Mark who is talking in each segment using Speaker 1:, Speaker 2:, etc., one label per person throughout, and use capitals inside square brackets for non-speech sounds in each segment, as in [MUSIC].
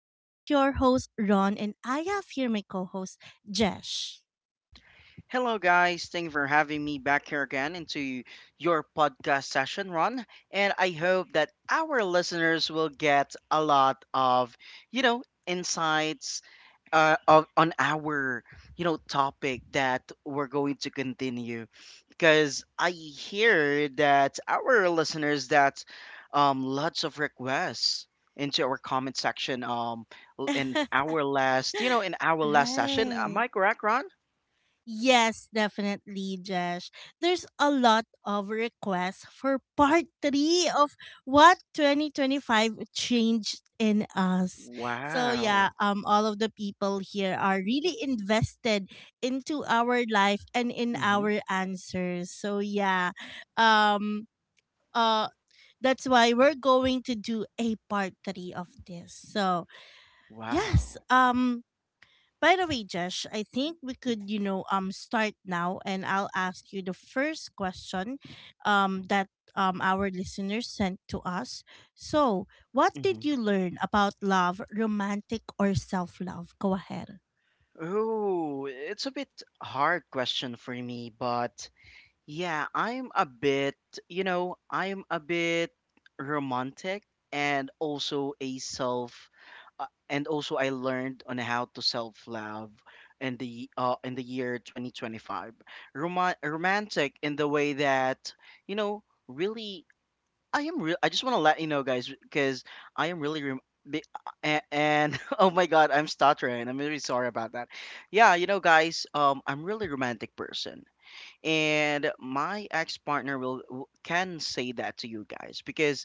Speaker 1: This is your host, Ron, and I have here my co host, Jesh.
Speaker 2: Hello, guys. Thank you for having me back here again into your podcast session, Ron. And I hope that our listeners will get a lot of, insights on our, topic that we're going to continue. Because I hear that our listeners that lots of requests into our comment section in
Speaker 1: [LAUGHS]
Speaker 2: our last in our last session, am
Speaker 1: Right.
Speaker 2: I correct, Ron?
Speaker 1: Yes, definitely, Jesh. There's a lot of requests for part three of what 2025 changed in us. So yeah,
Speaker 2: Wow.
Speaker 1: all of the people here are really invested into our life and in
Speaker 2: Mhm.
Speaker 1: our answers. So yeah, um, uh, that's why we're going to do a part three of this. So yes,
Speaker 2: Wow.
Speaker 1: by the way, Josh, I think we could, start now, and I'll ask you the first question that our listeners sent to us. So, what did
Speaker 2: Mhm.
Speaker 1: you learn about love, romantic or self-love? Go ahead.
Speaker 2: Oh, it's a bit hard question for me, but yeah, I'm a bit, I'm a bit romantic, and also a self and also I learned on how to self-love in the year 2025. Romantic in the way that, you know, really I am real. I just want to let you know, guys, because I am really rem- be- a- and [LAUGHS] oh my god, I'm stuttering. I'm really sorry about that. Yeah, you know, guys, I'm really romantic person, and my ex partner can say that to you guys because,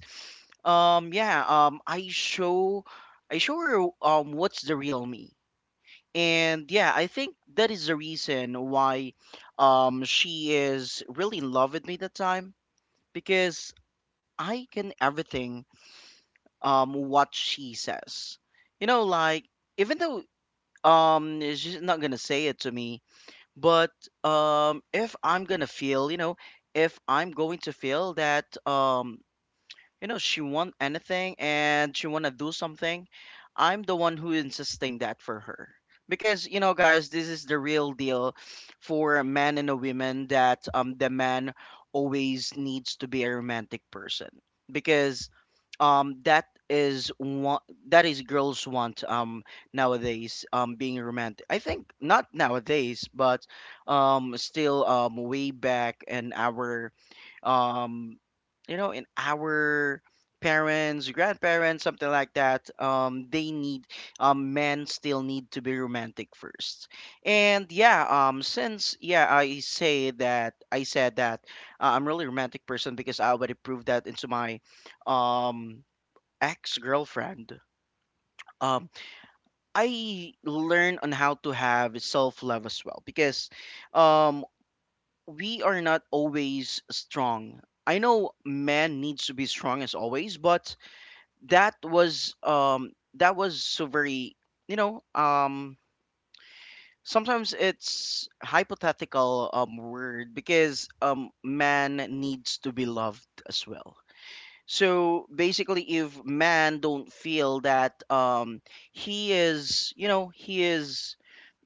Speaker 2: um, yeah, um, I show, I show her what's the real me, and yeah, I think that is the reason why, she is really in love with me that time because I can everything what she says. You know, like even though she's not gonna say it to me, but if I'm gonna feel, you know, if I'm going to feel that you know she want anything and she want to do something. I'm the one who insisting that for her because you know, guys, this is the real deal for a man and a woman that the man always needs to be a romantic person because that is one, that is girls want. Nowadays, being romantic, I think, not nowadays, but still, way back in our um in our parents, grandparents, something like that, they need, men still need to be romantic first. And yeah, since yeah, I said that, I'm really a romantic person because I already proved that into my um ex-girlfriend. um I learn on how to have self-love as well because um we are not always strong. I know man needs to be strong as always, but that was so very, you know, sometimes it's hypothetical word because man needs to be loved as well. So basically, if man don't feel that, he is, you know, he is,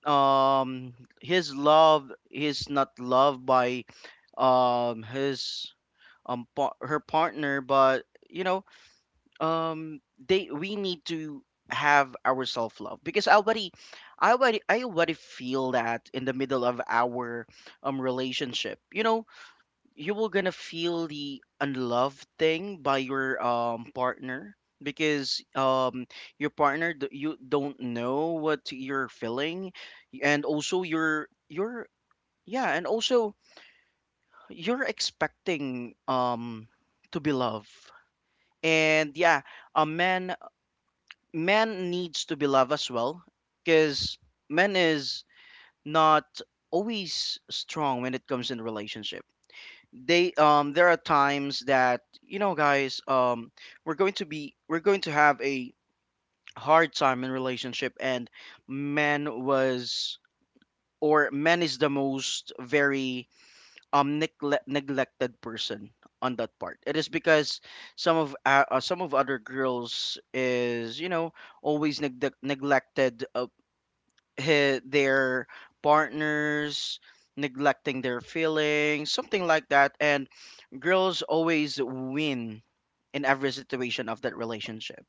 Speaker 2: um his love is not loved by his her partner, but you know, um they, we need to have our self love because I already feel that in the middle of our relationship. You know, you will gonna feel the unloved thing by your partner because you don't know what you're feeling, and also you're yeah, and also you're expecting to be loved. And yeah, a man needs to be loved as well because men is not always strong when it comes in relationship. They there are times that, you know, guys, we're going to have a hard time in relationship, and man was or man is the most very neglected person on that part. It is because some of other girls is, you know, always neglected, their partners, neglecting their feelings, something like that. And girls always win in every situation of that relationship.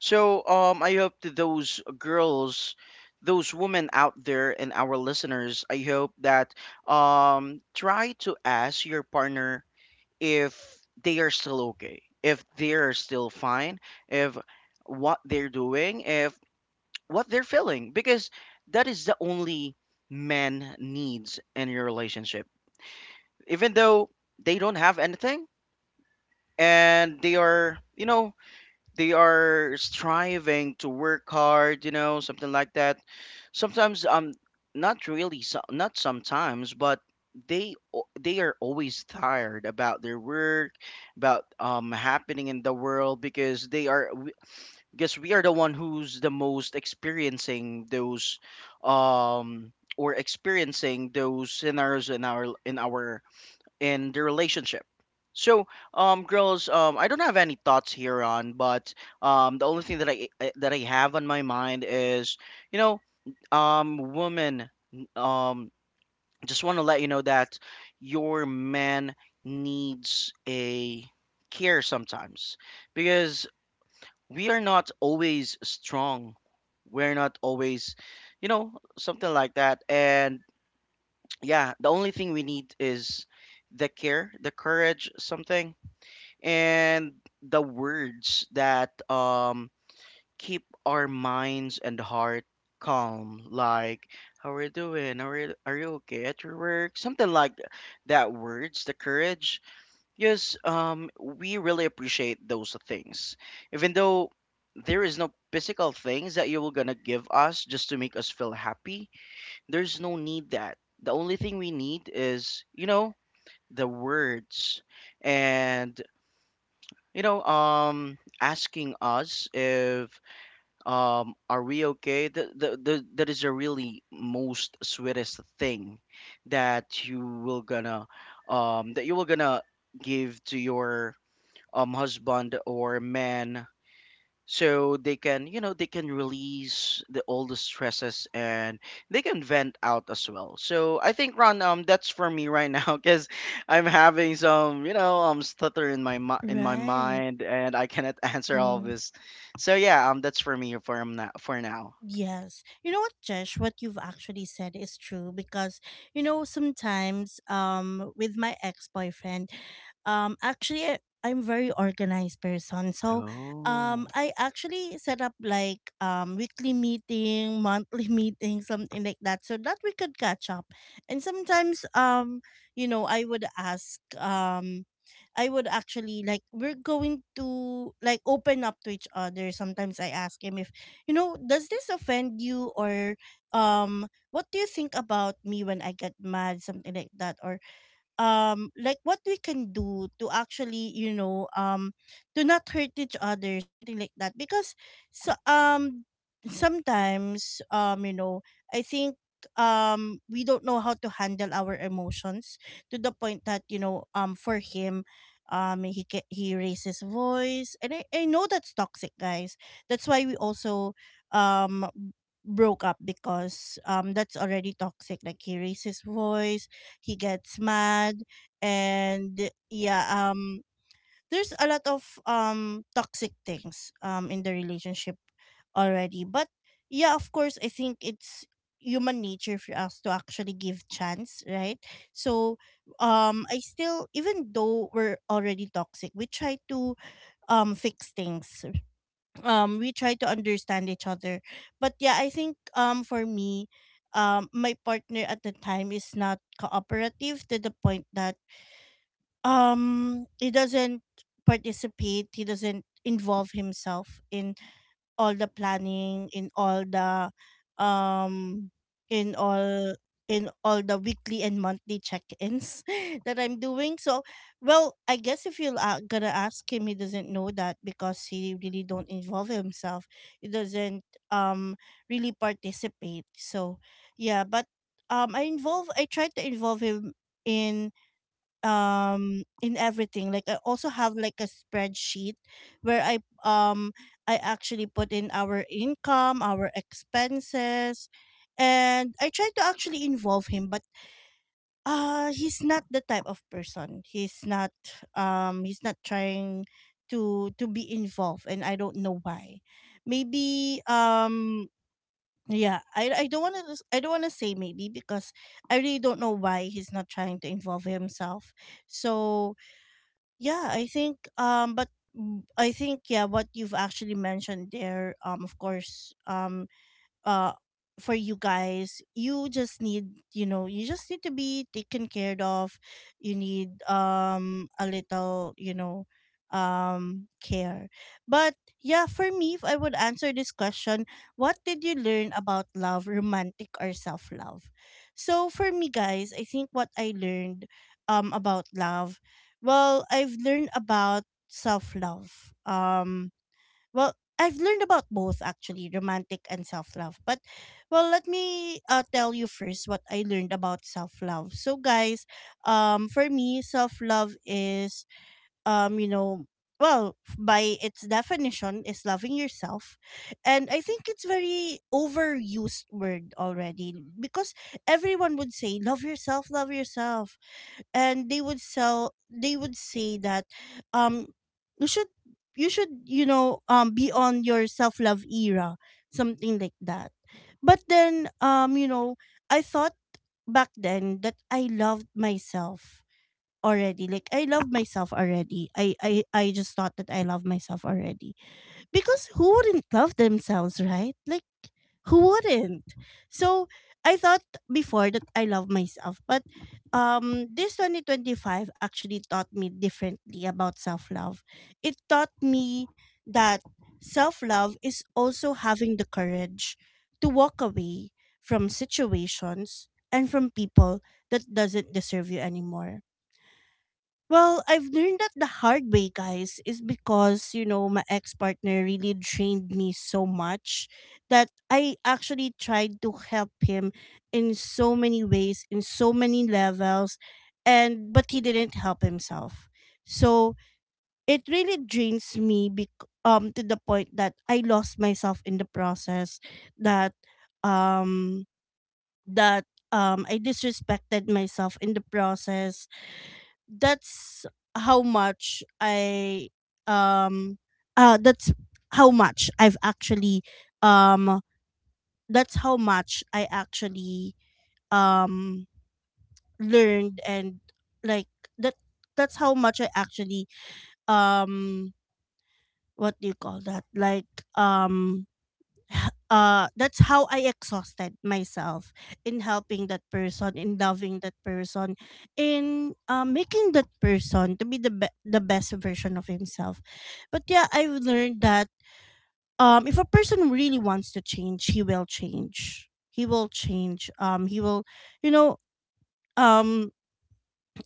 Speaker 2: So I hope that those girls, those women out there, and our listeners, I hope that try to ask your partner if they are still okay, if they are still fine, if what they're doing, if what they're feeling, because that is the only man needs in your relationship. Even though they don't have anything, and they are, you know, they are striving to work hard, you know, something like that. Sometimes, not really so, not sometimes, but they are always tired about their work, about happening in the world, because they are, because we are the one who's the most experiencing those or experiencing those scenarios in our, in the relationship. So girls, I don't have any thoughts here on, but the only thing that I have on my mind is, you know, woman, um just want to let you know that your man needs a care sometimes because we are not always strong. We're not always, you know, something like that. And yeah, the only thing we need is the care, the courage, something, and the words that keep our minds and heart calm. Like, how are you doing? Are you okay at your work? Something like that. Words, the courage. Yes, we really appreciate those things. Even though there is no physical things that you were gonna give us just to make us feel happy, there's no need that. The only thing we need is, you know, the words, and you know, asking us if are we okay? That is a really most sweetest thing that you will gonna that you will gonna give to your husband or man so they can, you know, they can release the all the stresses, and they can vent out as well. So I think, Ron, that's for me right [LAUGHS] now, because I'm having some, you know, stutter in my in my
Speaker 1: Right.
Speaker 2: mind, and I cannot [LAUGHS] answer all of
Speaker 1: Mm,
Speaker 2: this. So yeah, that's for me for now,
Speaker 1: yes. You know what, Jesh, what you've actually said is true because, you know, sometimes with my ex-boyfriend, actually I'm very organized person. So,
Speaker 2: oh.
Speaker 1: I actually set up like weekly meeting, monthly [LAUGHS] meeting, something like that so that we could catch up. And sometimes you know, I would ask I would actually like we're going to like open up to each other. Sometimes I ask him if, you know, does this offend you? Or what do you think about me when I get mad, something like that? Or like what we can do to actually, to not hurt each other, something like that because so sometimes you know, I think we don't know how to handle our emotions, to the point that, for him, he raises voice, and I know that's toxic, guys. That's why we also um broke up, because that's already toxic. Like he raises voice, he gets mad, and yeah, there's a lot of toxic things in the relationship already. But yeah, of course, I think it's human nature for us to actually give chance, right? So I still, even though we're already toxic, we try to fix things, we try to understand each other. But yeah, I think for me, my partner at the time is not cooperative, to the point that he doesn't participate, he doesn't involve himself in all the planning, um in all in all the weekly and monthly check-ins [LAUGHS] that I'm doing. So, well, I guess if you're gonna ask him, he doesn't know that because he really don't involve himself. He doesn't um really participate. So, yeah, but I involve. I try to involve him in in everything. Like I also have like a spreadsheet where um I actually put in our income, our expenses, and I try to actually involve him. But uh, he's not the type of person. He's not he's not trying to be involved, and I don't know why. Maybe yeah, I don't want to, I don't want to say maybe, because I really don't know why he's not trying to involve himself. So yeah, I think but mm, I think yeah, what you've actually mentioned there, of course, uh for you guys, you just need, you know, you just need to be taken care of. You need a little, you know, care. But yeah, for me, if I would answer this question, what did you learn about love, romantic or self love? So for me, guys, I think what I learned about love, well, I've learned about self love, well, I've learned about both actually, romantic and self love. But, well, let me tell you first what I learned about self love. So, guys, for me, self love is, you know, well, by its definition, is loving yourself, and I think it's very overused word already, because everyone would say love yourself, and they would say that um you should, you should, you know, be on your self love era, something like that. But then you know, I thought back then that I loved myself already, like I love myself already, I just thought that I love myself already, because who wouldn't love themselves, right? Like, who wouldn't? So I thought before that I love myself. But this 2025 actually taught me differently about self-love. It taught me that self-love is also having the courage to walk away from situations and from people that doesn't deserve you anymore. Well, I've learned that the hard way, guys, is because, you know, my ex partner really drained me so much that I actually tried to help him in so many ways, in so many levels, and but he didn't help himself. So it really drains me to the point that I lost myself in the process, that um I disrespected myself in the process. That's how much I um that's how much I've actually um that's how much I actually um learned, and like that, that's how much I actually um what do you call that, like um that's how I exhausted myself in helping that person, in loving that person, in making that person to be the best version of himself. But yeah, I've learned that if a person really wants to change, he will change. He will change. He will, you know, um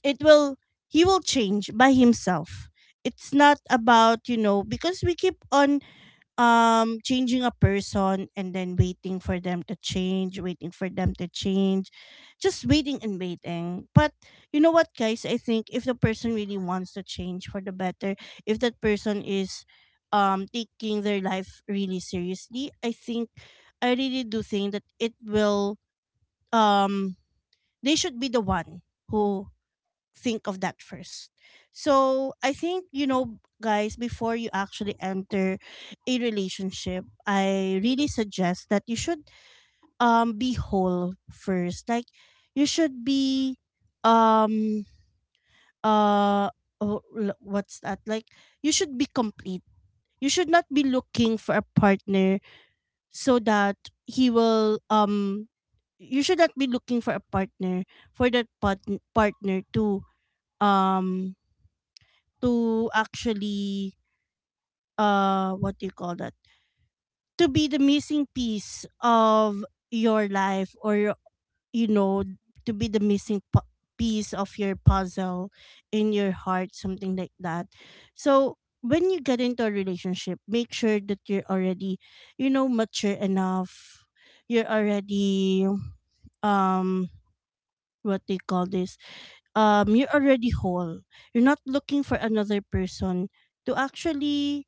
Speaker 1: it will, he will change by himself. It's not about, you know, because we keep on changing a person, and then waiting for them to change, waiting for them to change, just waiting and waiting. But you know what, guys, I think if the person really wants to change for the better, if that person is taking their life really seriously, I think, I really do think that it will um they should be the one who think of that first. So I think, you know, guys, before you actually enter a relationship, I really suggest that you should be whole first. Like you should be um uh oh, what's that? Like you should be complete. You should not be looking for a partner so that he will you should not be looking for a partner for partner um to actually what do you call that, to be the missing piece of your life, or your, you know, to be the missing piece of your puzzle in your heart, something like that. So when you get into a relationship, make sure that you're already, you know, mature enough, you're already um what they call this, you're already whole, you're not looking for another person to actually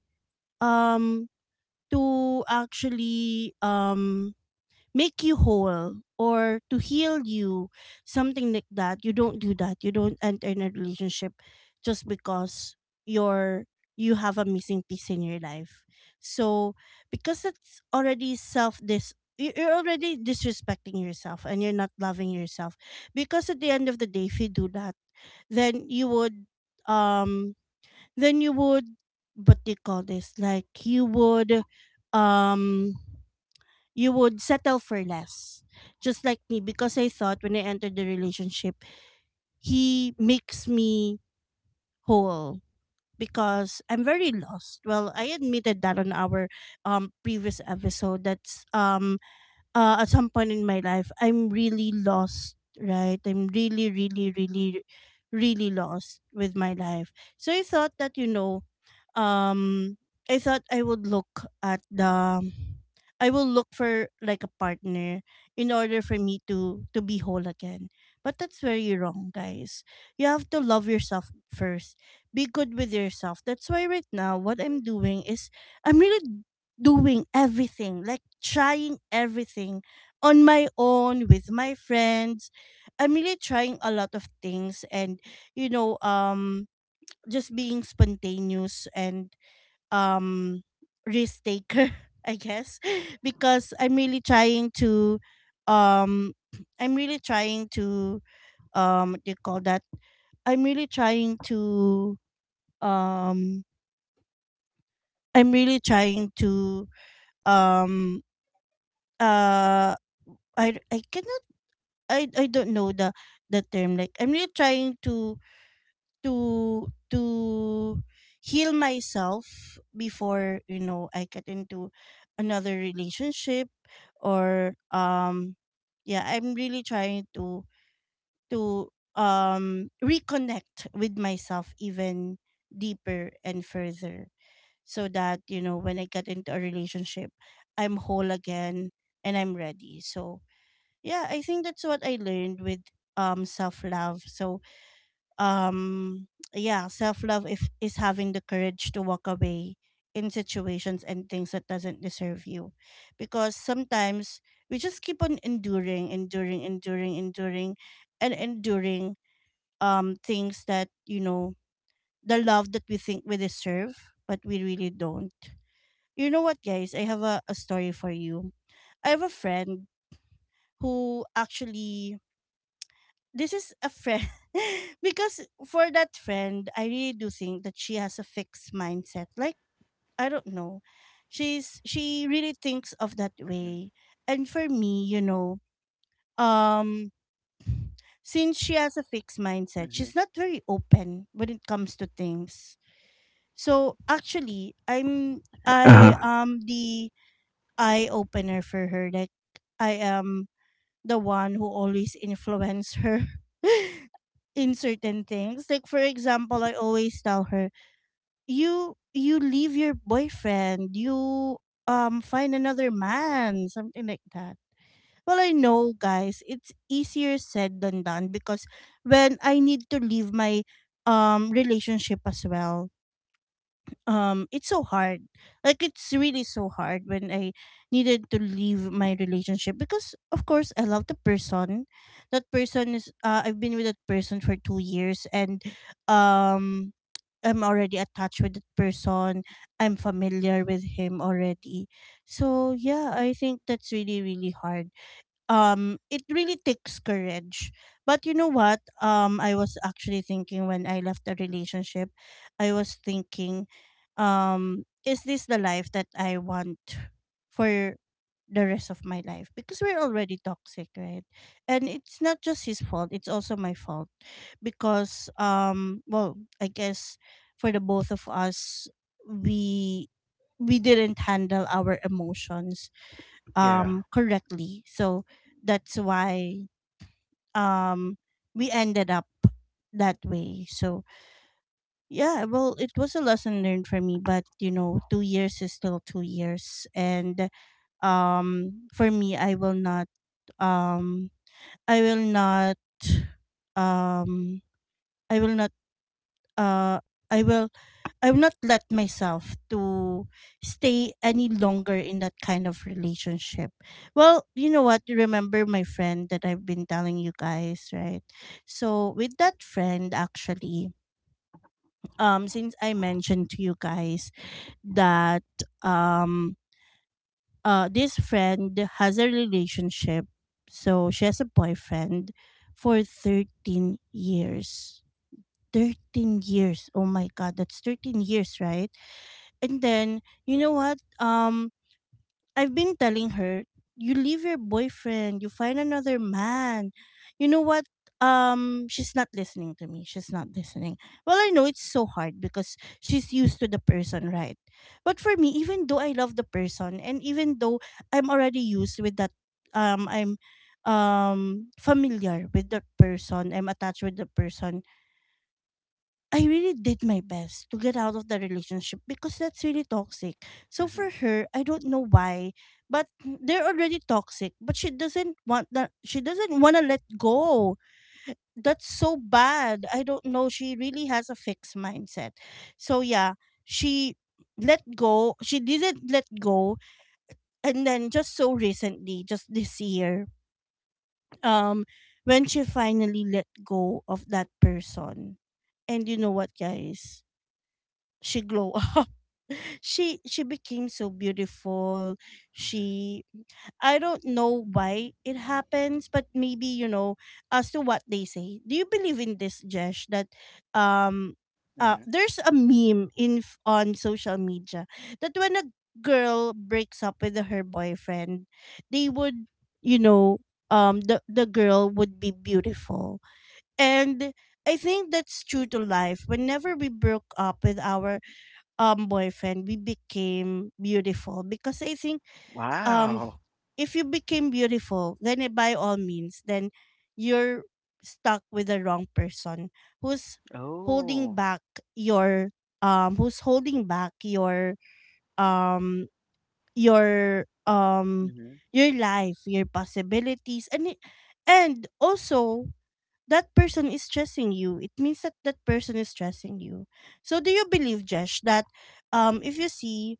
Speaker 1: um to actually um make you whole or to heal you, something like that. You don't do that. You don't enter in a relationship just because you're, you have a missing piece in your life. So because it's already you're already disrespecting yourself, and you're not loving yourself, because at the end of the day, if you do that, then you would um then you would what do you call this, like um you would settle for less, just like me, because I thought when I entered the relationship, he makes me whole, because I'm very lost. Well, I admitted that on our previous episode, that's at some point in my life I'm really lost, right? I'm really, really, really, really lost with my life. So I thought that, you know, um I thought I would look at the I will look for like a partner in order for me to be whole again. But that's very wrong, guys. You have to love yourself first. Be good with yourself. That's why right now what I'm doing is I'm really doing everything, like trying everything on my own with my friends. I'm really trying a lot of things and, you know um just being spontaneous, and um risk taker, [LAUGHS] I guess, [LAUGHS] because I'm really trying to— um [CLEARS THROAT] I'm really trying to— what do you call that? I'm really trying to— um I'm really trying to— um uh I cannot, I don't know the term. Like, I'm really trying to to heal myself before, you know, I get into another relationship, or yeah, I'm really trying to— to reconnect with myself even deeper and further, so that, you know, when I get into a relationship I'm whole again and I'm ready. So yeah, I think that's what I learned with self love. So um yeah, self-love if is having the courage to walk away in situations and things that doesn't deserve you, because sometimes we just keep on enduring, enduring, enduring, enduring, and enduring things that, you know, the love that we think we deserve but we really don't. You know what, guys? I have a story for you. I have a friend who actually— this is a friend, [LAUGHS] because for that friend I really do think that she has a fixed mindset. Like, I don't know, she really thinks of that
Speaker 2: Mhm,
Speaker 1: way. And for me, you know, um since she has a fixed mindset,
Speaker 2: mhm.
Speaker 1: she's not very open when it comes to things. So actually, i'm i
Speaker 2: Uh-huh.
Speaker 1: am the eye opener for her. Like, I am the one who always influence her, [LAUGHS] in certain things. Like, for example, I always tell her, "You leave your boyfriend. You find another man," something like that. Well, I know, guys, it's easier said than done, because when I need to leave my relationship as well, it's so hard. Like, it's really so hard when I needed to leave my relationship, because of course I love the person. That person is— I've been with that person for 2 years, and um I'm already attached with that person, I'm familiar with him already. So yeah, I think that's really really hard. It really takes courage. But, you know what, I was actually thinking when I left the relationship. I was thinking, is this the life that I want for the rest of my life? Because we're already toxic, right? And it's not just his fault, it's also my fault, because, well, I guess, for the both of us, we we didn't handle our emotions
Speaker 2: Yeah.
Speaker 1: correctly. So that's why um we ended up that way. So yeah, well, it was a lesson learned for me, but you know, 2 years is still 2 years, and for me, I will not— um I will not um I will not uh I will I have not let myself to stay any longer in that kind of relationship. Well, you know what? You remember my friend that I've been telling you guys, right? So, with that friend, actually, since I mentioned to you guys that um this friend has a relationship. So she has a boyfriend for 13 years. 13 years. Oh my god, that's 13 years, right? And then, you know what? I've been telling her, you leave your boyfriend, you find another man. You know what? She's not listening to me. She's not listening. Well, I know it's so hard because she's used to the person, right? But for me, even though I love the person, and even though I'm already used with that— I'm familiar with that person, I'm attached with the person, I really did my best to get out of the relationship because that's really toxic. So for
Speaker 2: Mhm,
Speaker 1: her, I don't know why, but they're already toxic, but she doesn't want that, she doesn't want to let go. That's so bad. I don't know, she really has a fixed mindset. So yeah, she let go— she didn't let go, and then just so recently, just this year, um when she finally let go of that person. And you know what, guys? She glow up. [LAUGHS] She became so beautiful.
Speaker 2: mhm,
Speaker 1: She I don't know why it happens, but maybe, you know, as to what they say. Do you believe in this, Jesh? That um
Speaker 2: mhm.
Speaker 1: there's a meme on social media, that when a girl breaks up with her boyfriend, they would, you know, the girl would be beautiful, and— I think that's true to life. Whenever we broke up with our boyfriend, we became beautiful, because I think, um
Speaker 2: Wow.
Speaker 1: if you became beautiful, then, eh, by all means, then you're stuck with the wrong person who's holding
Speaker 2: Oh.
Speaker 1: back your— who's holding back your— um your um
Speaker 2: Mm-hmm.
Speaker 1: your life, your possibilities and also— that person is stressing you. It means that that person is stressing you. So do you believe, Jesh, that um if you see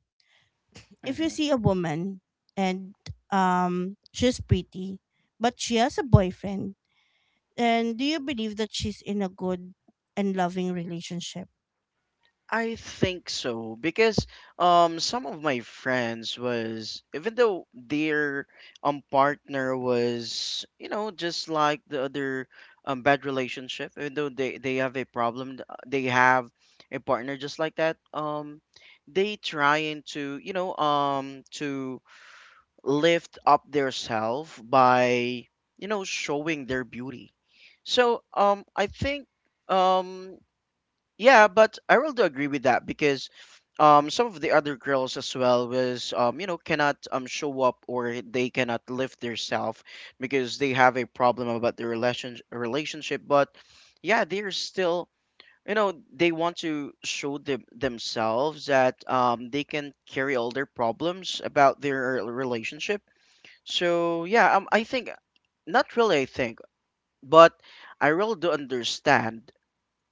Speaker 1: if you see a woman, and she's pretty but she has a boyfriend, and do you believe that she's in a good and loving relationship?
Speaker 2: I think so, because some of my friends was, even though their partner was, you know, just like the other bad relationship, even though they have a problem, they have a partner just like that, they trying to, you know, to lift up their self by, you know, showing their beauty. So I think um yeah, but I really do agree with that, because some of the other girls as well was, you know, cannot show up, or they cannot lift themselves because they have a problem about their relationship, but yeah, they're still, you know, they want to show them themselves that they can carry all their problems about their relationship. So yeah, I think, not really, I think, but I really do understand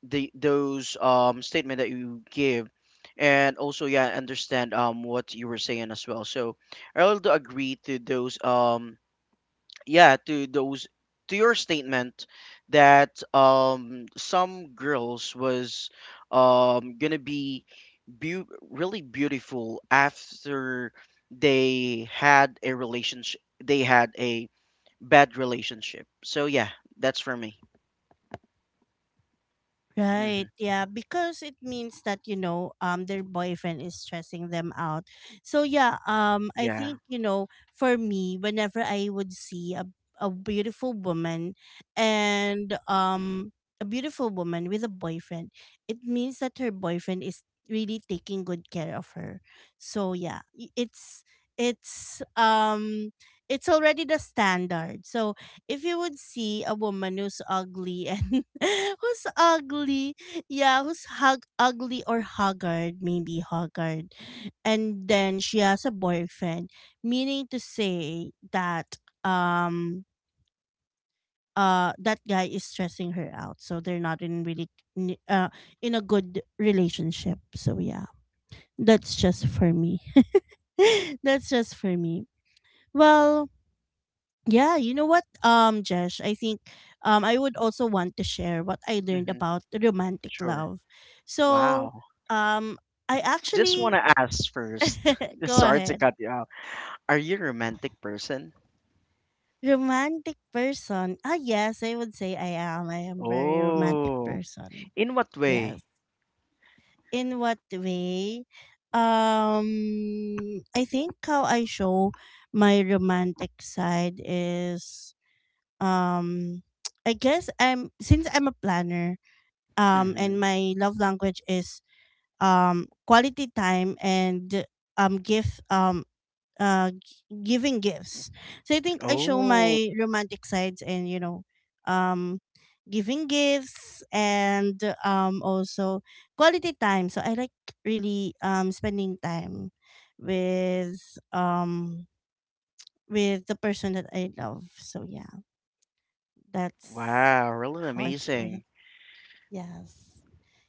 Speaker 2: the those statement that you give, and also yeah, I understand what you were saying as well. So I also agree to those, yeah to those, to your statement that some girls was gonna be really beautiful after they had a relationship, they had a bad relationship. So yeah, that's for me.
Speaker 1: Right.
Speaker 2: Hmm.
Speaker 1: Yeah, because it means that, their boyfriend is stressing them out. So yeah, I
Speaker 2: Yeah.
Speaker 1: think, you know, for me, whenever I would see a beautiful woman, and a beautiful woman with a boyfriend, it means that her boyfriend is really taking good care of her. So yeah, it's um it's already the standard. So if you would see a woman who's ugly, and [LAUGHS] who's ugly, yeah, who's hug ugly, or haggard, maybe haggard, and then she has a boyfriend, meaning to say that um that guy is stressing her out, so they're not in, really, n- uh in a good relationship. So yeah, that's just for me. [LAUGHS] That's just for me. Well. Yeah, you know what, Jesh, I think I would also want to share what I learned
Speaker 2: Hmm.
Speaker 1: about romantic
Speaker 2: Sure.
Speaker 1: love. So,
Speaker 2: Wow.
Speaker 1: um I
Speaker 2: Just want
Speaker 1: actually—
Speaker 2: to ask first.
Speaker 1: [LAUGHS]
Speaker 2: [LAUGHS]
Speaker 1: go
Speaker 2: Sorry to
Speaker 1: ahead.
Speaker 2: cut you out. Are you a romantic person?
Speaker 1: Romantic person. Ah yes, I would say I am. I am very romantic
Speaker 2: Oh,
Speaker 1: person.
Speaker 2: in what
Speaker 1: Yes.
Speaker 2: way?
Speaker 1: In what way? Um I think how I show my romantic side is um [TSK] I guess— I'm since I'm a planner, and
Speaker 2: Hmm.
Speaker 1: my love language is quality time, and um gift um giving gifts. So I think I show
Speaker 2: Oh,
Speaker 1: my romantic sides, and, you know, um giving gifts, and also quality time. So I like, really, spending time with— the person that I love. So yeah, that's
Speaker 2: wow, really
Speaker 1: how I show
Speaker 2: amazing.
Speaker 1: it. Yes.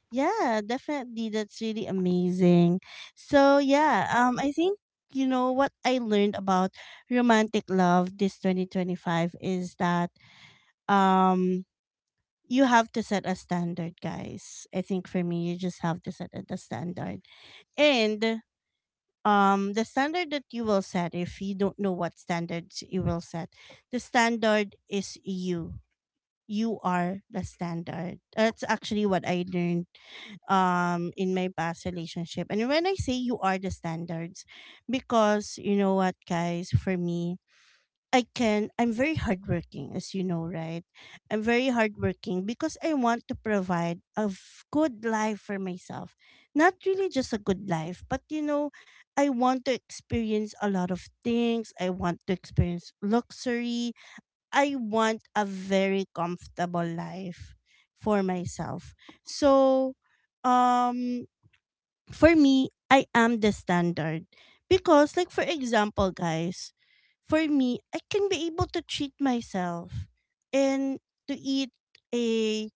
Speaker 1: Yeah, definitely. That's really amazing. So yeah, I think, you know what I learned about romantic love this 2025 is that um you have to set a standard, guys. I think for me, you just have to set a the standard, and, the standard that you will set. If you don't know what standards you will set, the standard is— you are the standard. That's actually what I learned in my past relationship. And when I say you are the standards, because, you know what, guys, for me, I'm very hardworking, as you know, right? I'm very hardworking because I want to provide good life for myself. Not really just a good life, but, you know, I want to experience a lot of things. I want to experience luxury. I want a very comfortable life for myself. So, um, for me, I am the standard. Because, like, for example, guys, for me, I can be able to treat myself and to eat a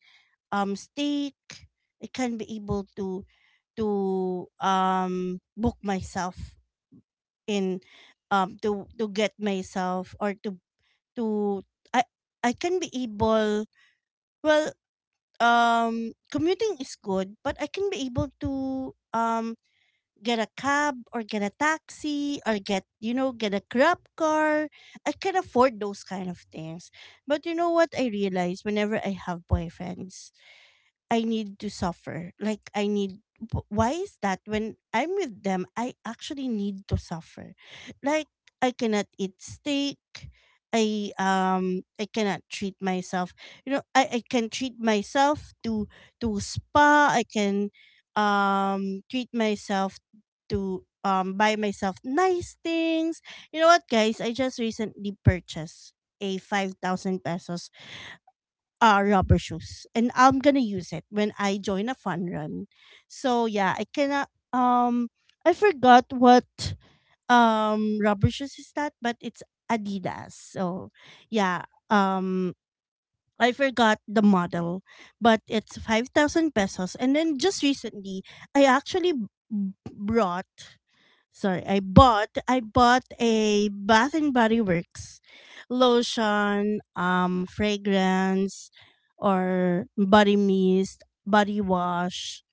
Speaker 1: steak. I can be able to— book myself in, to get myself, or to I I can be able— well, commuting is good, but I can be able to um get a cab, or get a taxi, or— get you know get a grab car. I can afford those kind of things, but you know what, I realize, whenever I have boyfriends, I need to suffer. Like, I need— why is that when I'm with them I actually need to suffer? Like, I cannot eat steak. I cannot treat myself. You know, I can treat myself to spa. I can treat myself to buy myself nice things. You know what, guys? I just recently purchased a 5,000 pesos rubber shoes, and I'm gonna use it when I join a fun run. So yeah, I cannot. I forgot what rubber shoes is that, but it's Adidas. So yeah, um, I forgot the model, but it's 5,000 pesos. And then just recently, I actually brought— sorry, I bought a Bath and Body Works lotion, fragrance, or body mist, body wash.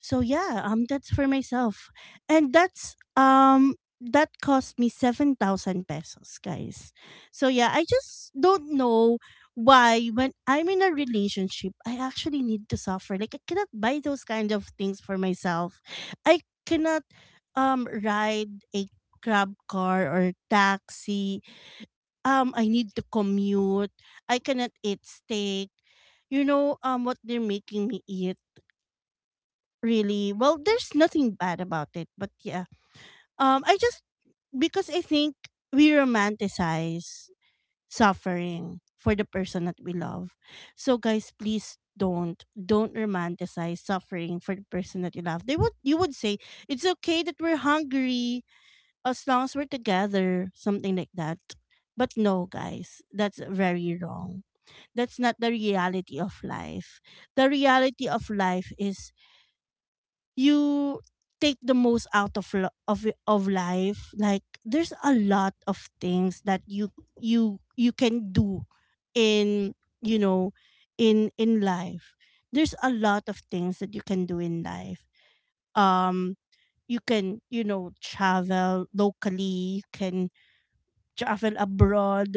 Speaker 1: So yeah, that's for myself, and that's that cost me 7,000 pesos, guys. So yeah, I just don't know why, when I'm in a relationship, I actually need to suffer. Like, I cannot buy those kind of things for myself. I cannot ride a grab car or taxi. I need to commute. I cannot eat steak. What they're making me eat, really— well, there's nothing bad about it, but yeah, I just— because I think we romanticize suffering for the person that we love. So guys, please don't romanticize suffering for the person that you love. They would you would say, "It's okay that we're hungry as long as we're together," something like that. But no, guys, that's very wrong. That's not the reality of life. The reality of life is, you take the most out of— of life. Like, there's a lot of things that you you can do in— you know in life. There's a lot of things that you can do in life. Um you can, travel locally, you can travel abroad.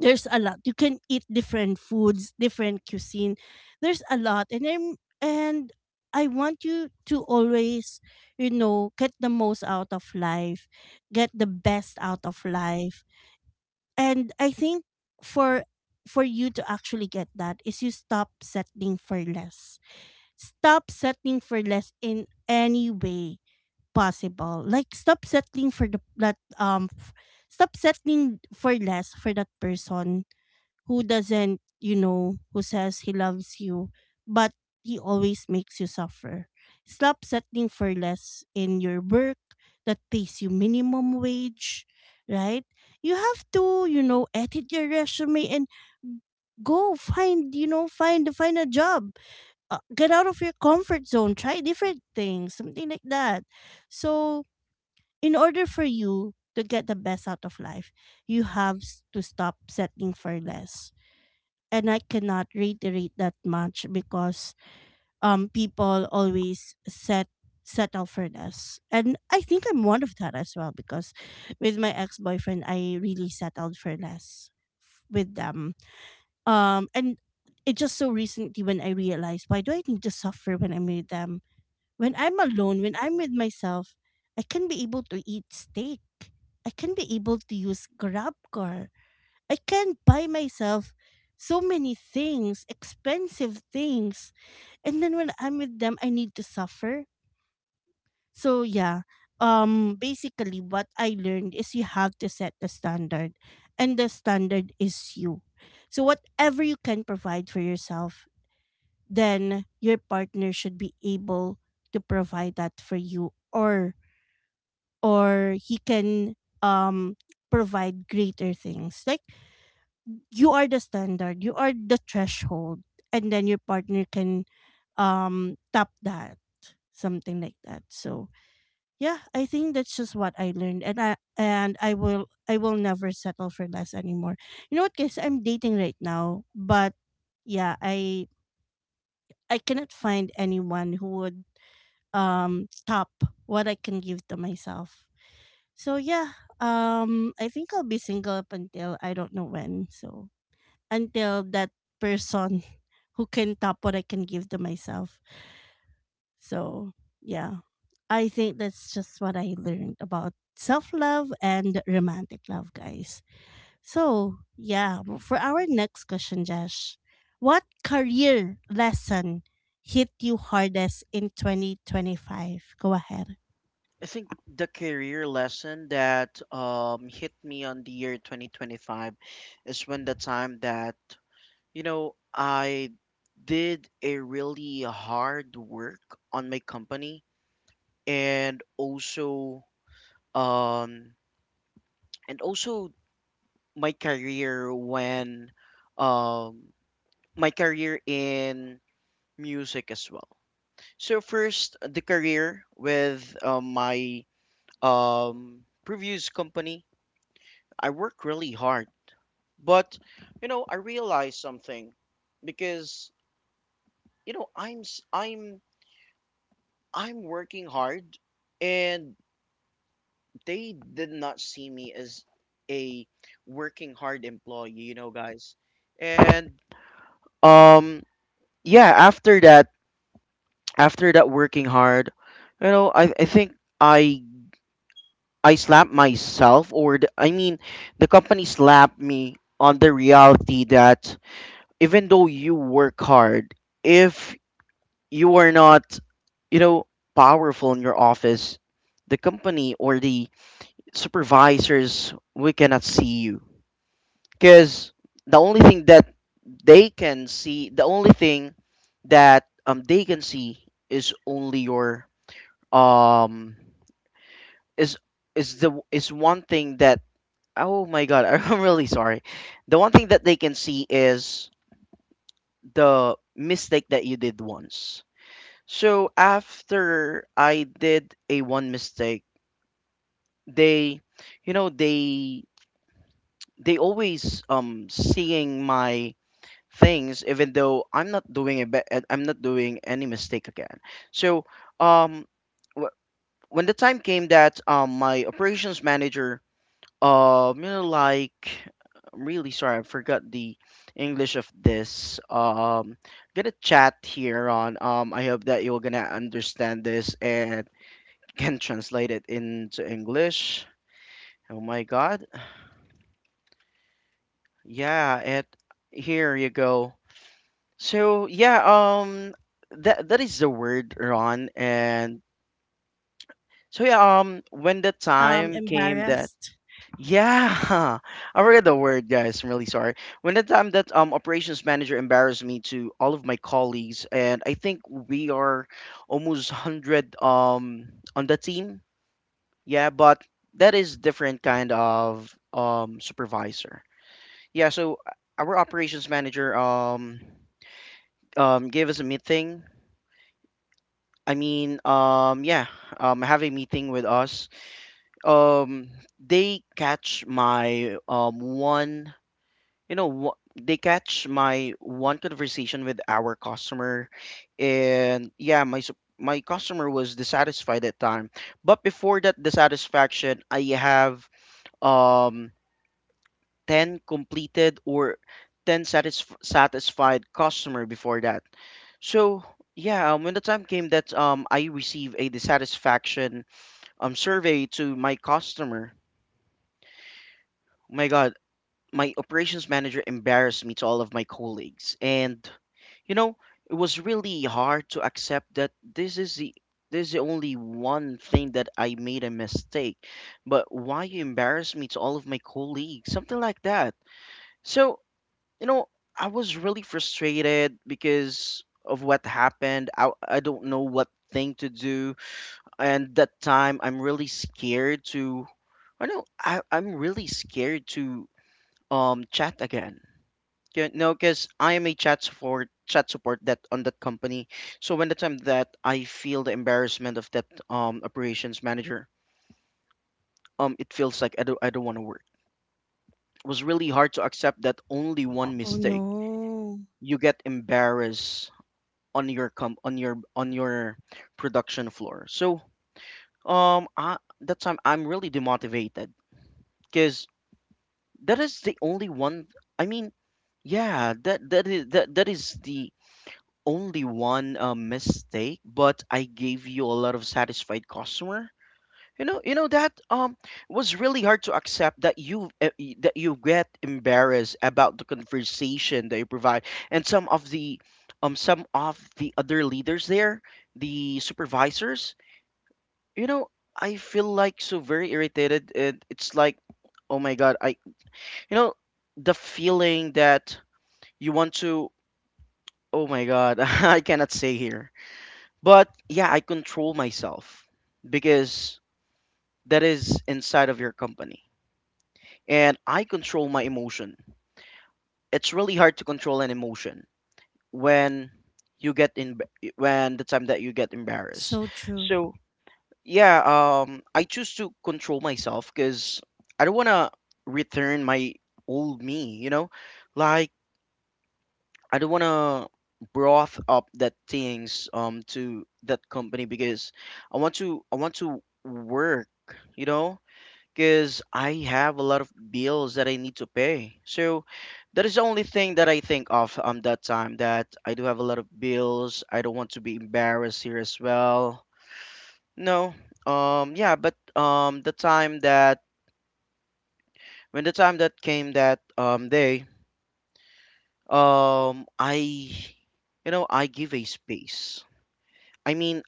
Speaker 1: There's a lot. You can eat different foods, different cuisine. There's a lot, and I want you to always, you know, get the most out of life, get the best out of life. And I think for for you to actually get that is you stop settling for less. Stop settling for less in any way possible. Like stop settling for less for that person who doesn't, you know, who says he loves you, but he always makes you suffer. Stop settling for less in your work that pays you minimum wage, right? You have to, you know, edit your resume and go find, find a job. Get out of your comfort zone, try different things, something like that. So, in order for you to get the best out of life, you have to stop settling for less, and I cannot reiterate that much because people always settle for less. And I think I'm one of that as well because with my ex-boyfriend I really settled for less with them. And it just so recently when I realized, why do I need to suffer when I'm with them? When I'm alone, when I'm with myself, I can be able to eat steak. I can be able to use GrabCar. I can buy myself so many things, expensive things. And then when I'm with them, I need to suffer. So yeah, basically what I learned is you have to set the standard, and the standard is you. So whatever you can provide for yourself, then your partner should be able to provide that for you, or he can provide greater things. Like, you are the standard, you are the threshold, and then your partner can tap that, something like that. So yeah, I think that's just what I learned, and I will never settle for less anymore. You know what, guys? I'm dating right now, but yeah, I cannot find anyone who would top what I can give to myself. So yeah, I think I'll be single up until I don't know when. So until that person [LAUGHS] who can top what I can give to myself. So, yeah, I think that's just what I learned about self love and romantic love, guys. So, yeah, for our next question, Josh, what career lesson hit you hardest in 2025? Go ahead.
Speaker 2: I think the career lesson that hit me on the year 2025 is when the time that, you know, I did a really hard work on my company, and also um and also my career when um my career in music as well. So first, the career with, my previous company, I work really hard. But you know, I realized something, because you know, I'm working hard, and they did not see me as a working hard employee, you know, guys. And um yeah, after that, working hard, you know, I think i I slapped myself, or I mean, the company slapped me on the reality that even though you work hard, if you are not, you know, powerful in your office, the company or the supervisors, we cannot see you, because the only thing that they can see, the only thing that they can see is only your um is is the is one thing that, oh my god, [LAUGHS] I'm really sorry, the one thing that they can see is the mistake that you did once. So after I did a one mistake, they, you know, they always seeing my things, even though I'm not doing a I'm not doing any mistake again. So um wh- when the time came that my operations manager, you know, like, I'm really sorry, I forgot the English of this. Gonna chat here on, I hope that you're gonna understand this and [LAUGHS] can translate it into English. Oh my god. Yeah, it, here you go. So yeah, um that that is the word, Ron. And so yeah, when the time came that,
Speaker 1: Embarrassed.
Speaker 2: yeah, [LAUGHS] I forget the word, guys. I'm really sorry. When the time that operations manager embarrassed me to all of my colleagues, and I think we are almost hundred on the team. Yeah, but that is different kind of supervisor. Yeah, so our operations manager gave us a meeting. I mean, um yeah, have a meeting with us. Um, they catch my one. you know wha- they catch my one conversation with our customer, and yeah, my customer was dissatisfied at time, but before that dissatisfaction I have um 10 completed or 10 satisfied customer before that. So yeah, when the time came that I received a dissatisfaction survey to my customer. My god, my operations manager embarrassed me to all of my colleagues. And you know, it was really hard to accept that this is the only one thing that I made a mistake. But why you embarrass me to all of my colleagues? Something like that. So, you know, I was really frustrated because of what happened. I don't know what thing to do. And that time I'm really scared to I'm really scared to chat again. Yeah, no, because I am a chat support that on that company. So when the time that I feel the embarrassment of that operations manager, it feels like I don't want to work. It was really hard to accept that only one
Speaker 1: Oh
Speaker 2: mistake
Speaker 1: no.
Speaker 2: you get embarrassed on your com on your production floor. So um I, that time I'm really demotivated, because that is the only one. I mean, that that is the only one mistake, but I gave you a lot of satisfied customer. You know that was really hard to accept that you that you get embarrassed about the conversation that you provide, and some of the other leaders there, the supervisors. You know, I feel like so very irritated, and it's like, oh my god, I, you know, the feeling that you want to. Oh my god, [LAUGHS] I cannot say here. But yeah, I control myself because that is inside of your company. And I control my emotion. It's really hard to control an emotion when you get in, when the time that you get embarrassed.
Speaker 1: So true.
Speaker 2: So, yeah, I choose to control myself, cuz I don't want to return my old me, you know? Like I don't want to broth up that things to that company because I want to, I want to work, you know, because I have a lot of bills that I need to pay. So that is the only thing that I think of that time, that I do have a lot of bills. I don't want to be embarrassed here as well. No. Yeah, but the time that, when the time that came that day, I, you know, I give a space. I mean,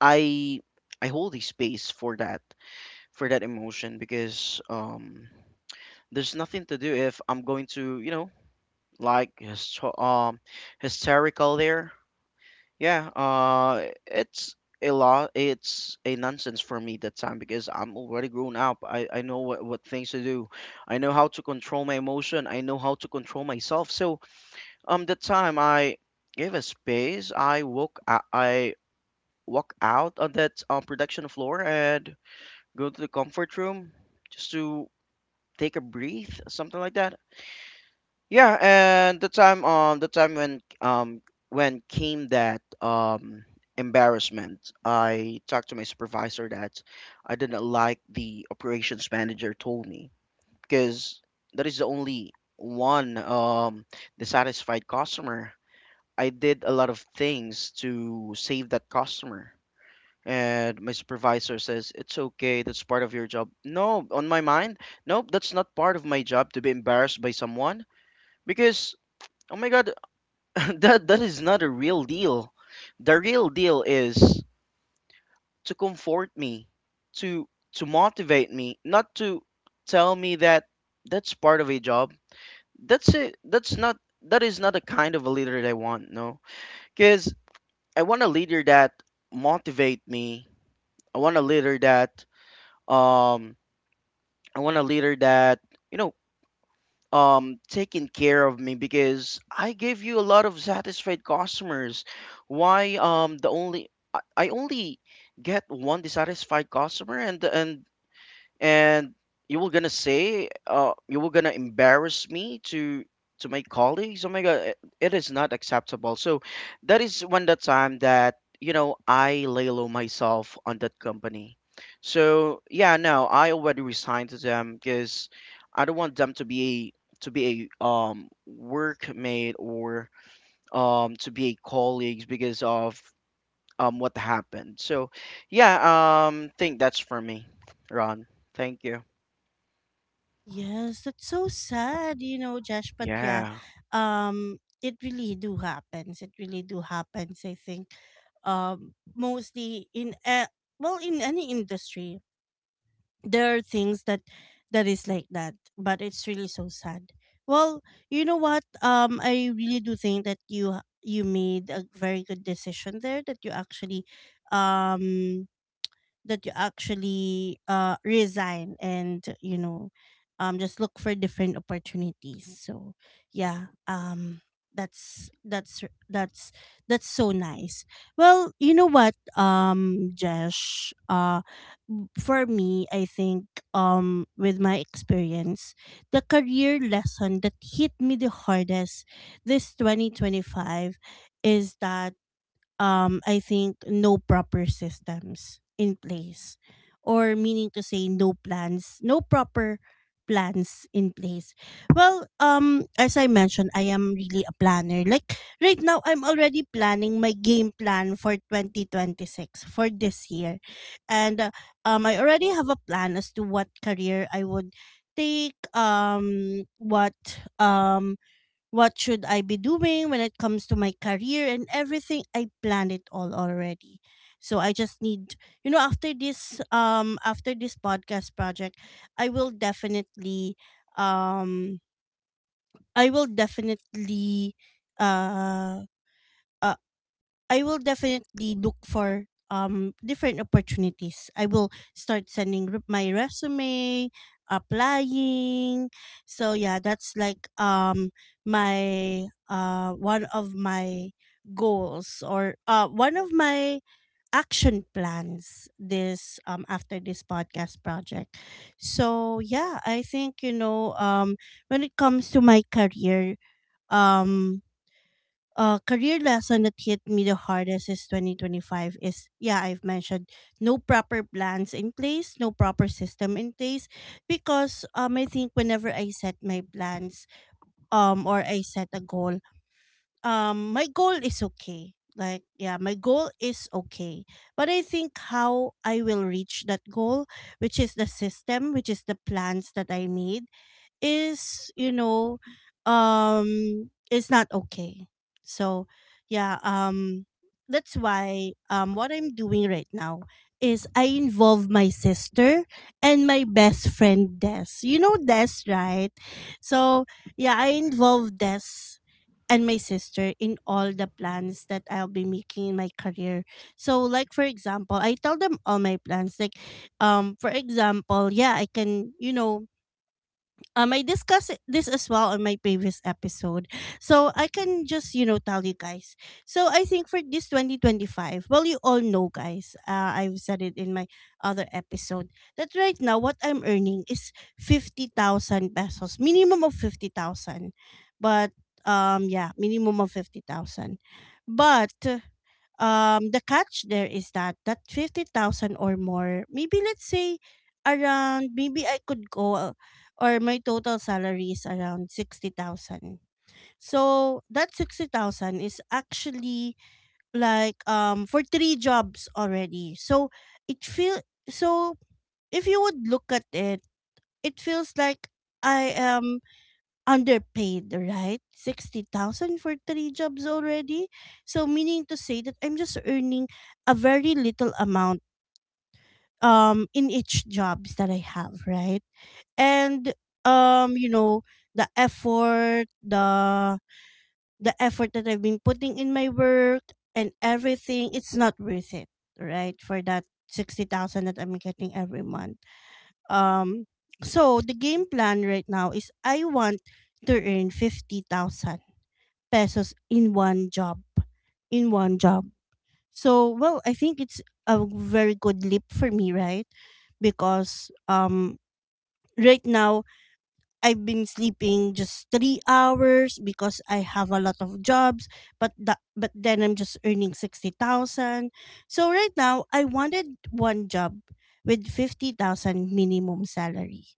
Speaker 2: I I hold a space for that, for that emotion, because there's nothing to do if I'm going to, you know, like hysterical there. Yeah, it's a lot. It's a nonsense for me that time because I'm already grown up. I know what things to do. I know how to control my emotion. I know how to control myself. So that time I gave a space. I woke. I walk out on that production floor and go to the comfort room just to take a breath, something like that. Yeah, and the time when came that embarrassment, I talked to my supervisor that I didn't like the operations manager told me, because that is the only one dissatisfied customer. I did a lot of things to save that customer, and my supervisor says it's okay, that's part of your job. No, on my mind, nope, that's not part of my job to be embarrassed by someone. Because oh my god, [LAUGHS] that is not a real deal. The real deal is to comfort me, to to motivate me, not to tell me that that's part of a job. That's it. That is not the kind of a leader that I want. No, because I want a leader that motivate me. I want a leader that, um I want a leader that, you know, taking care of me, because I gave you a lot of satisfied customers. Why the only I only get one dissatisfied customer, and you were gonna say, you were gonna embarrass me to my colleagues. Oh my god, it is not acceptable. So that is when the time that, you know, I lay low myself on that company. So yeah, no, I already resigned to them because I don't want them to be, to be a workmate, or to be a colleagues, because of what happened. So yeah, think that's for me, Ron. Thank you.
Speaker 1: Yes, that's so sad, you know, Josh. But yeah,
Speaker 2: Yeah.
Speaker 1: it really do happens. It really do happens, I think, mostly in a, well, in any industry. There are things that that is like that, but it's really so sad. Well, you know what, I really do think that you made a very good decision there, um that you actually resign, and, you know, just look for different opportunities. So yeah, that's that's that's that's so nice. Well, you know what, Jesh, for me, I think, with my experience, the career lesson that hit me the hardest this 2025 is that, I think no proper systems in place, or meaning to say no plans, no proper plans in place. Well, as I mentioned, I am really a planner. Like right now I'm already planning my game plan for 2026, for this year. And I already have a plan as to what career I would take, um what should I be doing when it comes to my career and everything? I planned it all already. So I just need, you know, after this podcast project, I will definitely um I will definitely uh uh. I will definitely look for different opportunities. I will start sending my resume, applying. So yeah, that's like my one of my goals, or one of my action plans, this after this podcast project. So yeah, I think you know, when it comes to my career, um career lesson that hit me the hardest is 2025 is, yeah, I've mentioned, no proper plans in place, no proper system in place. Because I think whenever I set my plans, or I set a goal, my goal is okay. Like yeah, my goal is okay, but I think how I will reach that goal, which is the system, which is the plans that I made, is, you know, is not okay. So yeah, that's why, what I'm doing right now is I involve my sister and my best friend Des. You know Des, right? So yeah, I
Speaker 2: Hmm.
Speaker 1: involve Des and my sister in all the plans that I'll be making in my career. So like for example, I tell them all my plans. Like for example, yeah, I can, you know, I this as well on my previous episode. So I can just, you know, tell you guys. So I think for this 2025, well, you all know, guys, I've said it in my other episode, that right now what I'm earning is 50,000 pesos, minimum of 50,000. But yeah, minimum of 50,000. But the catch there is that that 50,000 or more, maybe let's say around, maybe I could go or my total salary is around 60,000. So that 60,000 is actually like for three jobs already. So it feel so if you would look at it, it feels like I am underpaid, right? 60,000 for three jobs already. So meaning to say that I'm just earning a very little amount in each jobs that I have, right? And you know, the effort, the the effort that I've been putting in my work and everything, it's not worth it, right? For that 60,000 that I'm getting every month. Um so the game plan right now is I want to earn 50,000 pesos in one job, in one job. So, well, I think it's a very good leap for me, right? Because right now I've been sleeping just 3 hours because I have a lot of jobs, but then I'm just earning 60,000. So right now I wanted one job with 50,000 minimum salary.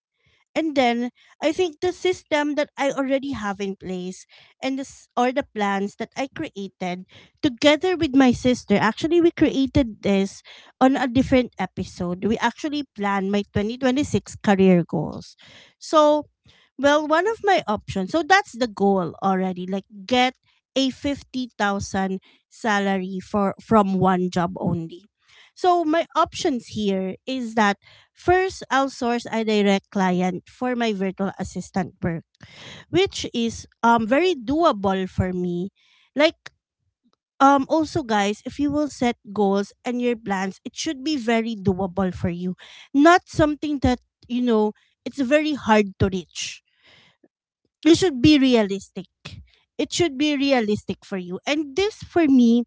Speaker 1: And then I think the system that I already have in place and this, or the plans that I created together with my sister, actually we created this on a different episode. We actually planned my 2026 career goals. So, well, one of my options. So that's the goal already. Like, get a 50,000 salary for from one job only. So my options here is that first, I'll source a direct client for my virtual assistant work, which is very doable for me. Like also guys, if you will set goals and your plans, it should be very doable for you. Not something that, you know, it's very hard to reach. This should be realistic. It should be realistic for you. And this for me,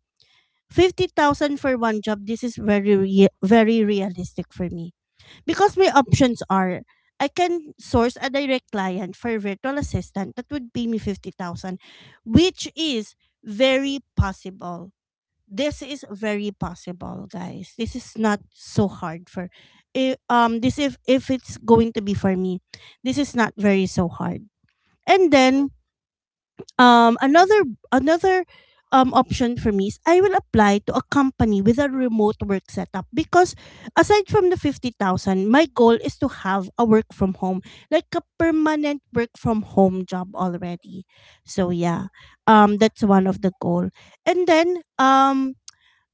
Speaker 1: 50,000 for one job, this is very realistic for me because my options are I can source a direct client for a virtual assistant that would pay me 50,000, which is very possible. This is very possible, guys. This is not so hard for I- this if it's going to be for me. This is not very so hard. And then um, another another option for me is I will apply to a company with a remote work setup because aside from the 50,000, my goal is to have a work from home, like a permanent work from home job already. So yeah, that's one of the goal. And then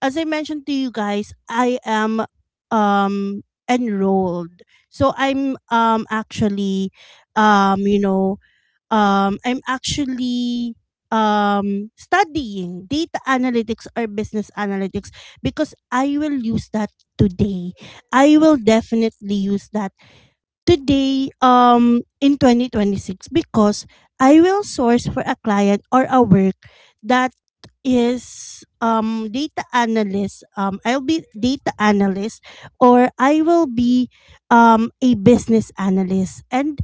Speaker 1: as I mentioned to you guys, I am enrolled. So um you know I'm actually, studying data analytics or business analytics because I will use that today. I will definitely use that today, in 2026, because I will source for a client or a work that is data analyst. I'll be data analyst, or I will be a business analyst. And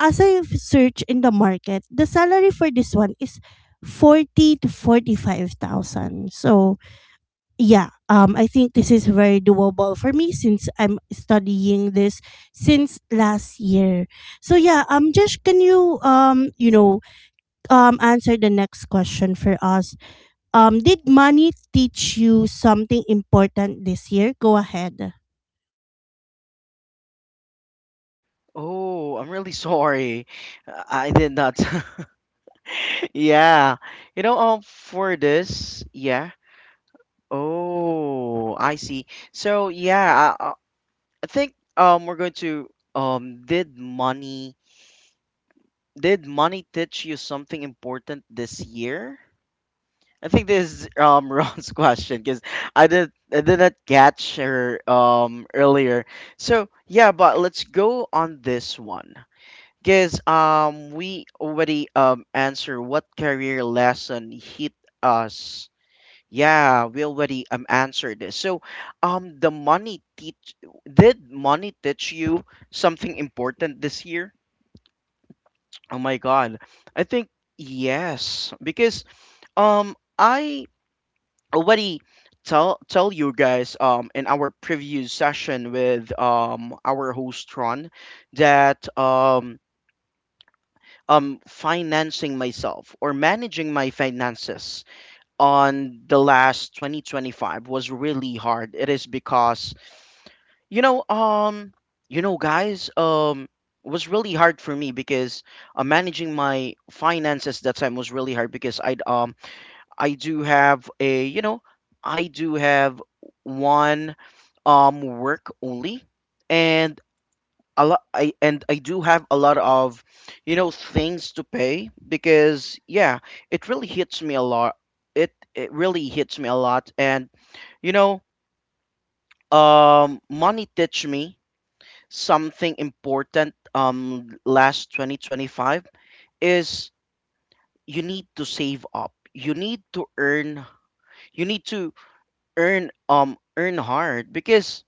Speaker 1: as I search in the market, the salary for this one is 40 to 45,000. So, yeah, I think this is very doable for me since I'm studying this since last year. So, yeah, Josh, can you, you know, answer the next question for us? Um, did money teach you something important this year? Go ahead.
Speaker 2: Oh, I'm really sorry. I did not. [LAUGHS] Yeah. You know, for this, yeah. Oh, I see. So, yeah, I think we're going to um did money did money teach you something important this year? I think this is [LAUGHS] Ron's question, because I did not catch her earlier. So, yeah, but let's go on this one. Because we already answered what career lesson hit us. Yeah, we already answered this. So, the money teach did money teach you something important this year? Oh my God, I think yes. Because I already tell you guys in our previous session with our host Ron, that financing myself or managing my finances on the last 2025 was really hard. It is because, you know, you know guys, it was really hard for me because managing my finances that time was really hard because I do have, a you know, I do have one work only, and a lot I and I do have a lot of, you know, things to pay because yeah, it really hits me a lot. It really hits me a lot. And you know, money teach me something important last 2025 is, you need to save up, you need to earn, you need to earn earn hard. Because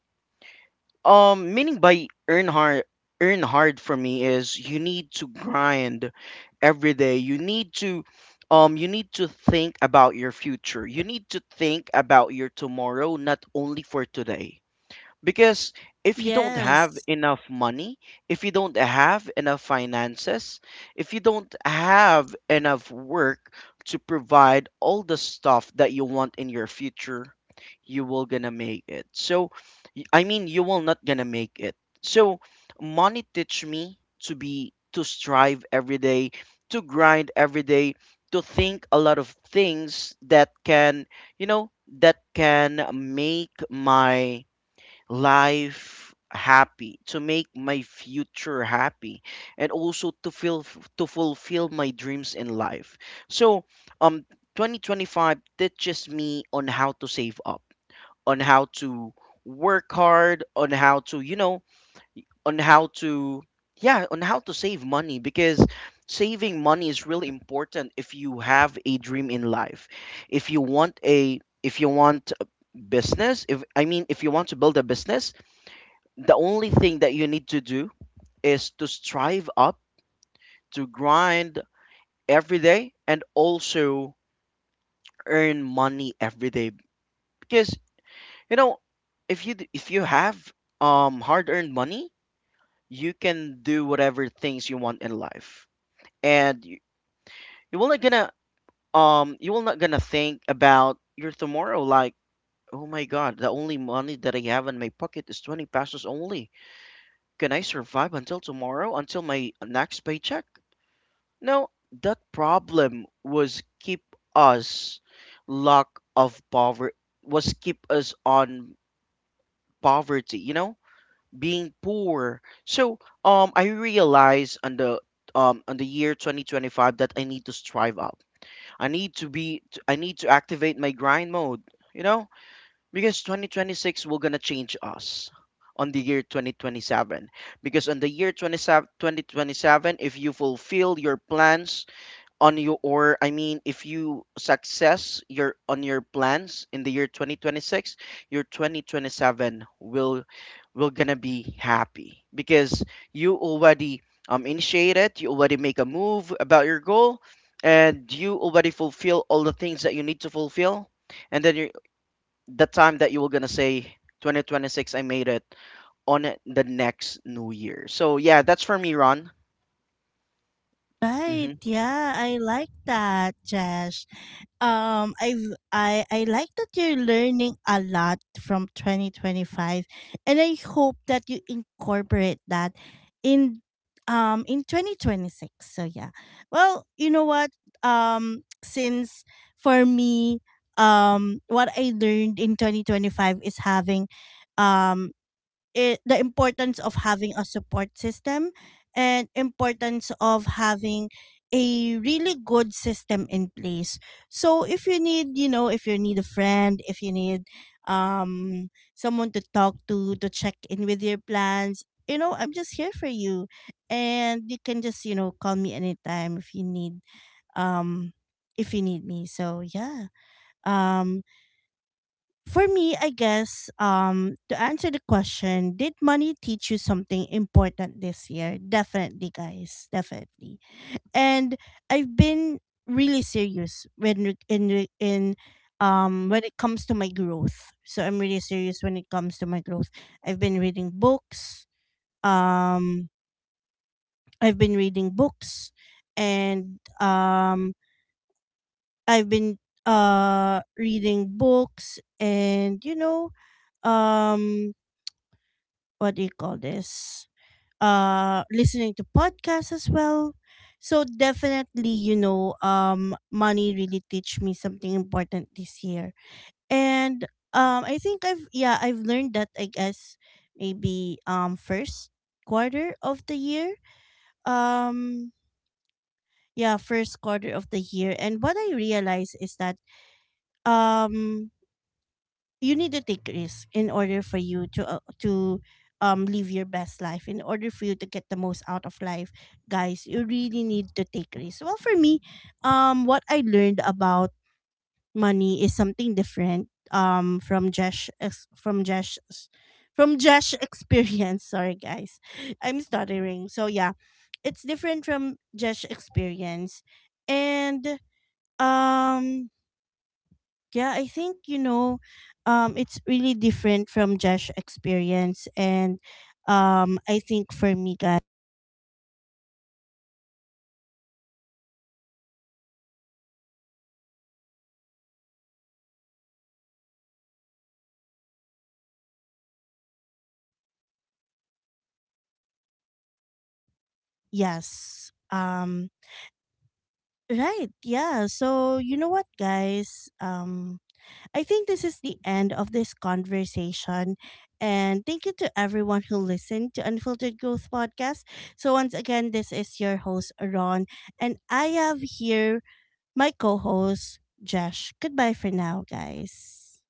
Speaker 2: Meaning by earn hard for me is you need to grind every day. You need to think about your future. You need to think about your tomorrow, not only for today, because if you don't have
Speaker 1: Yes.
Speaker 2: enough money, if you don't have enough finances, if you don't have enough work to provide all the stuff that you want in your future, you will gonna make it. So, I mean, you will not gonna make it. So, money teach me to be, to strive every day, to grind every day, to think a lot of things that can, you know, that can make my life happy, to make my future happy, and also to feel, to fulfill my dreams in life. So um 2025 teaches me on how to save up, on how to work hard, on how to, you know, on how to, yeah, on how to save money, because saving money is really important if you have a dream in life, if you want a, if you want a business, if I mean if you want to build a business, the only thing that you need to do is to strive up, to grind every day, and also earn money every day. Because you know, if you have hard-earned money, you can do whatever things you want in life, and you will not gonna you will not gonna think about your tomorrow, like, oh my god, the only money that I have in my pocket is 20 pesos only. Can I survive until tomorrow, until my next paycheck? Now, that problem was keep us, lack of poverty, was keep us on poverty, you know, being poor. So, I realized on the year 2025 that I need to strive up. I need to I need to activate my grind mode, you know? Because 2026 will going to change us on the year 2027. Because on the year 27 2027, if you fulfill your plans on your, or I mean, if you success your on your plans in the year 2026, your 2027 will gonna be happy, because you already initiated, you already make a move about your goal, and you already fulfill all the things that you need to fulfill, and then you, the time that you were gonna say, 2026 I made it on the next new year. So yeah, that's for me, Ron.
Speaker 1: Right.
Speaker 2: Mm-hmm.
Speaker 1: Yeah, I like that, Jesh. Um, I've, I like that you're learning a lot from 2025, and I hope that you incorporate that in in 2026. So yeah. Well, you know what? Since for me, what I learned in 2025 is having um the importance of having a support system, and importance of having a really good system in place. So if you need, you know, if you need a friend, if you need um someone to talk to check in with your plans, you know, I'm just here for you. And you can just, you know, call me anytime um if you need me. So yeah. Um for me, I guess to answer the question, did money teach you something important this year? Definitely, guys, definitely. And I've been really serious when re- in re- in when it comes to my growth. So I'm really serious when it comes to my growth. I've been reading books. Um I've been reading books and I've been reading books, and, you know, um what do you call this, listening to podcasts as well. So definitely, you know, money really teach me something important this year. And I think I've, yeah, I've learned that, I guess, maybe first quarter of the year um yeah, first quarter of the year. And what I realize is that, um you need to take risks in order for you to live your best life, in order for you to get the most out of life. Guys, you really need to take risks. Well, for me, what I learned about money is something different, from Josh ex- from Josh experience. [LAUGHS] Sorry guys, I'm stuttering. So yeah, it's different from Josh experience. And um yeah, I think, you know, it's really different from Josh experience. And I think for me, guys, yes, right, yeah. So you know what, guys, I think this is the end of this conversation, and thank you to everyone who listened to Unfiltered Growth podcast. So once again, this is your host Ron, and I have here my co-host Josh. Goodbye for now, guys.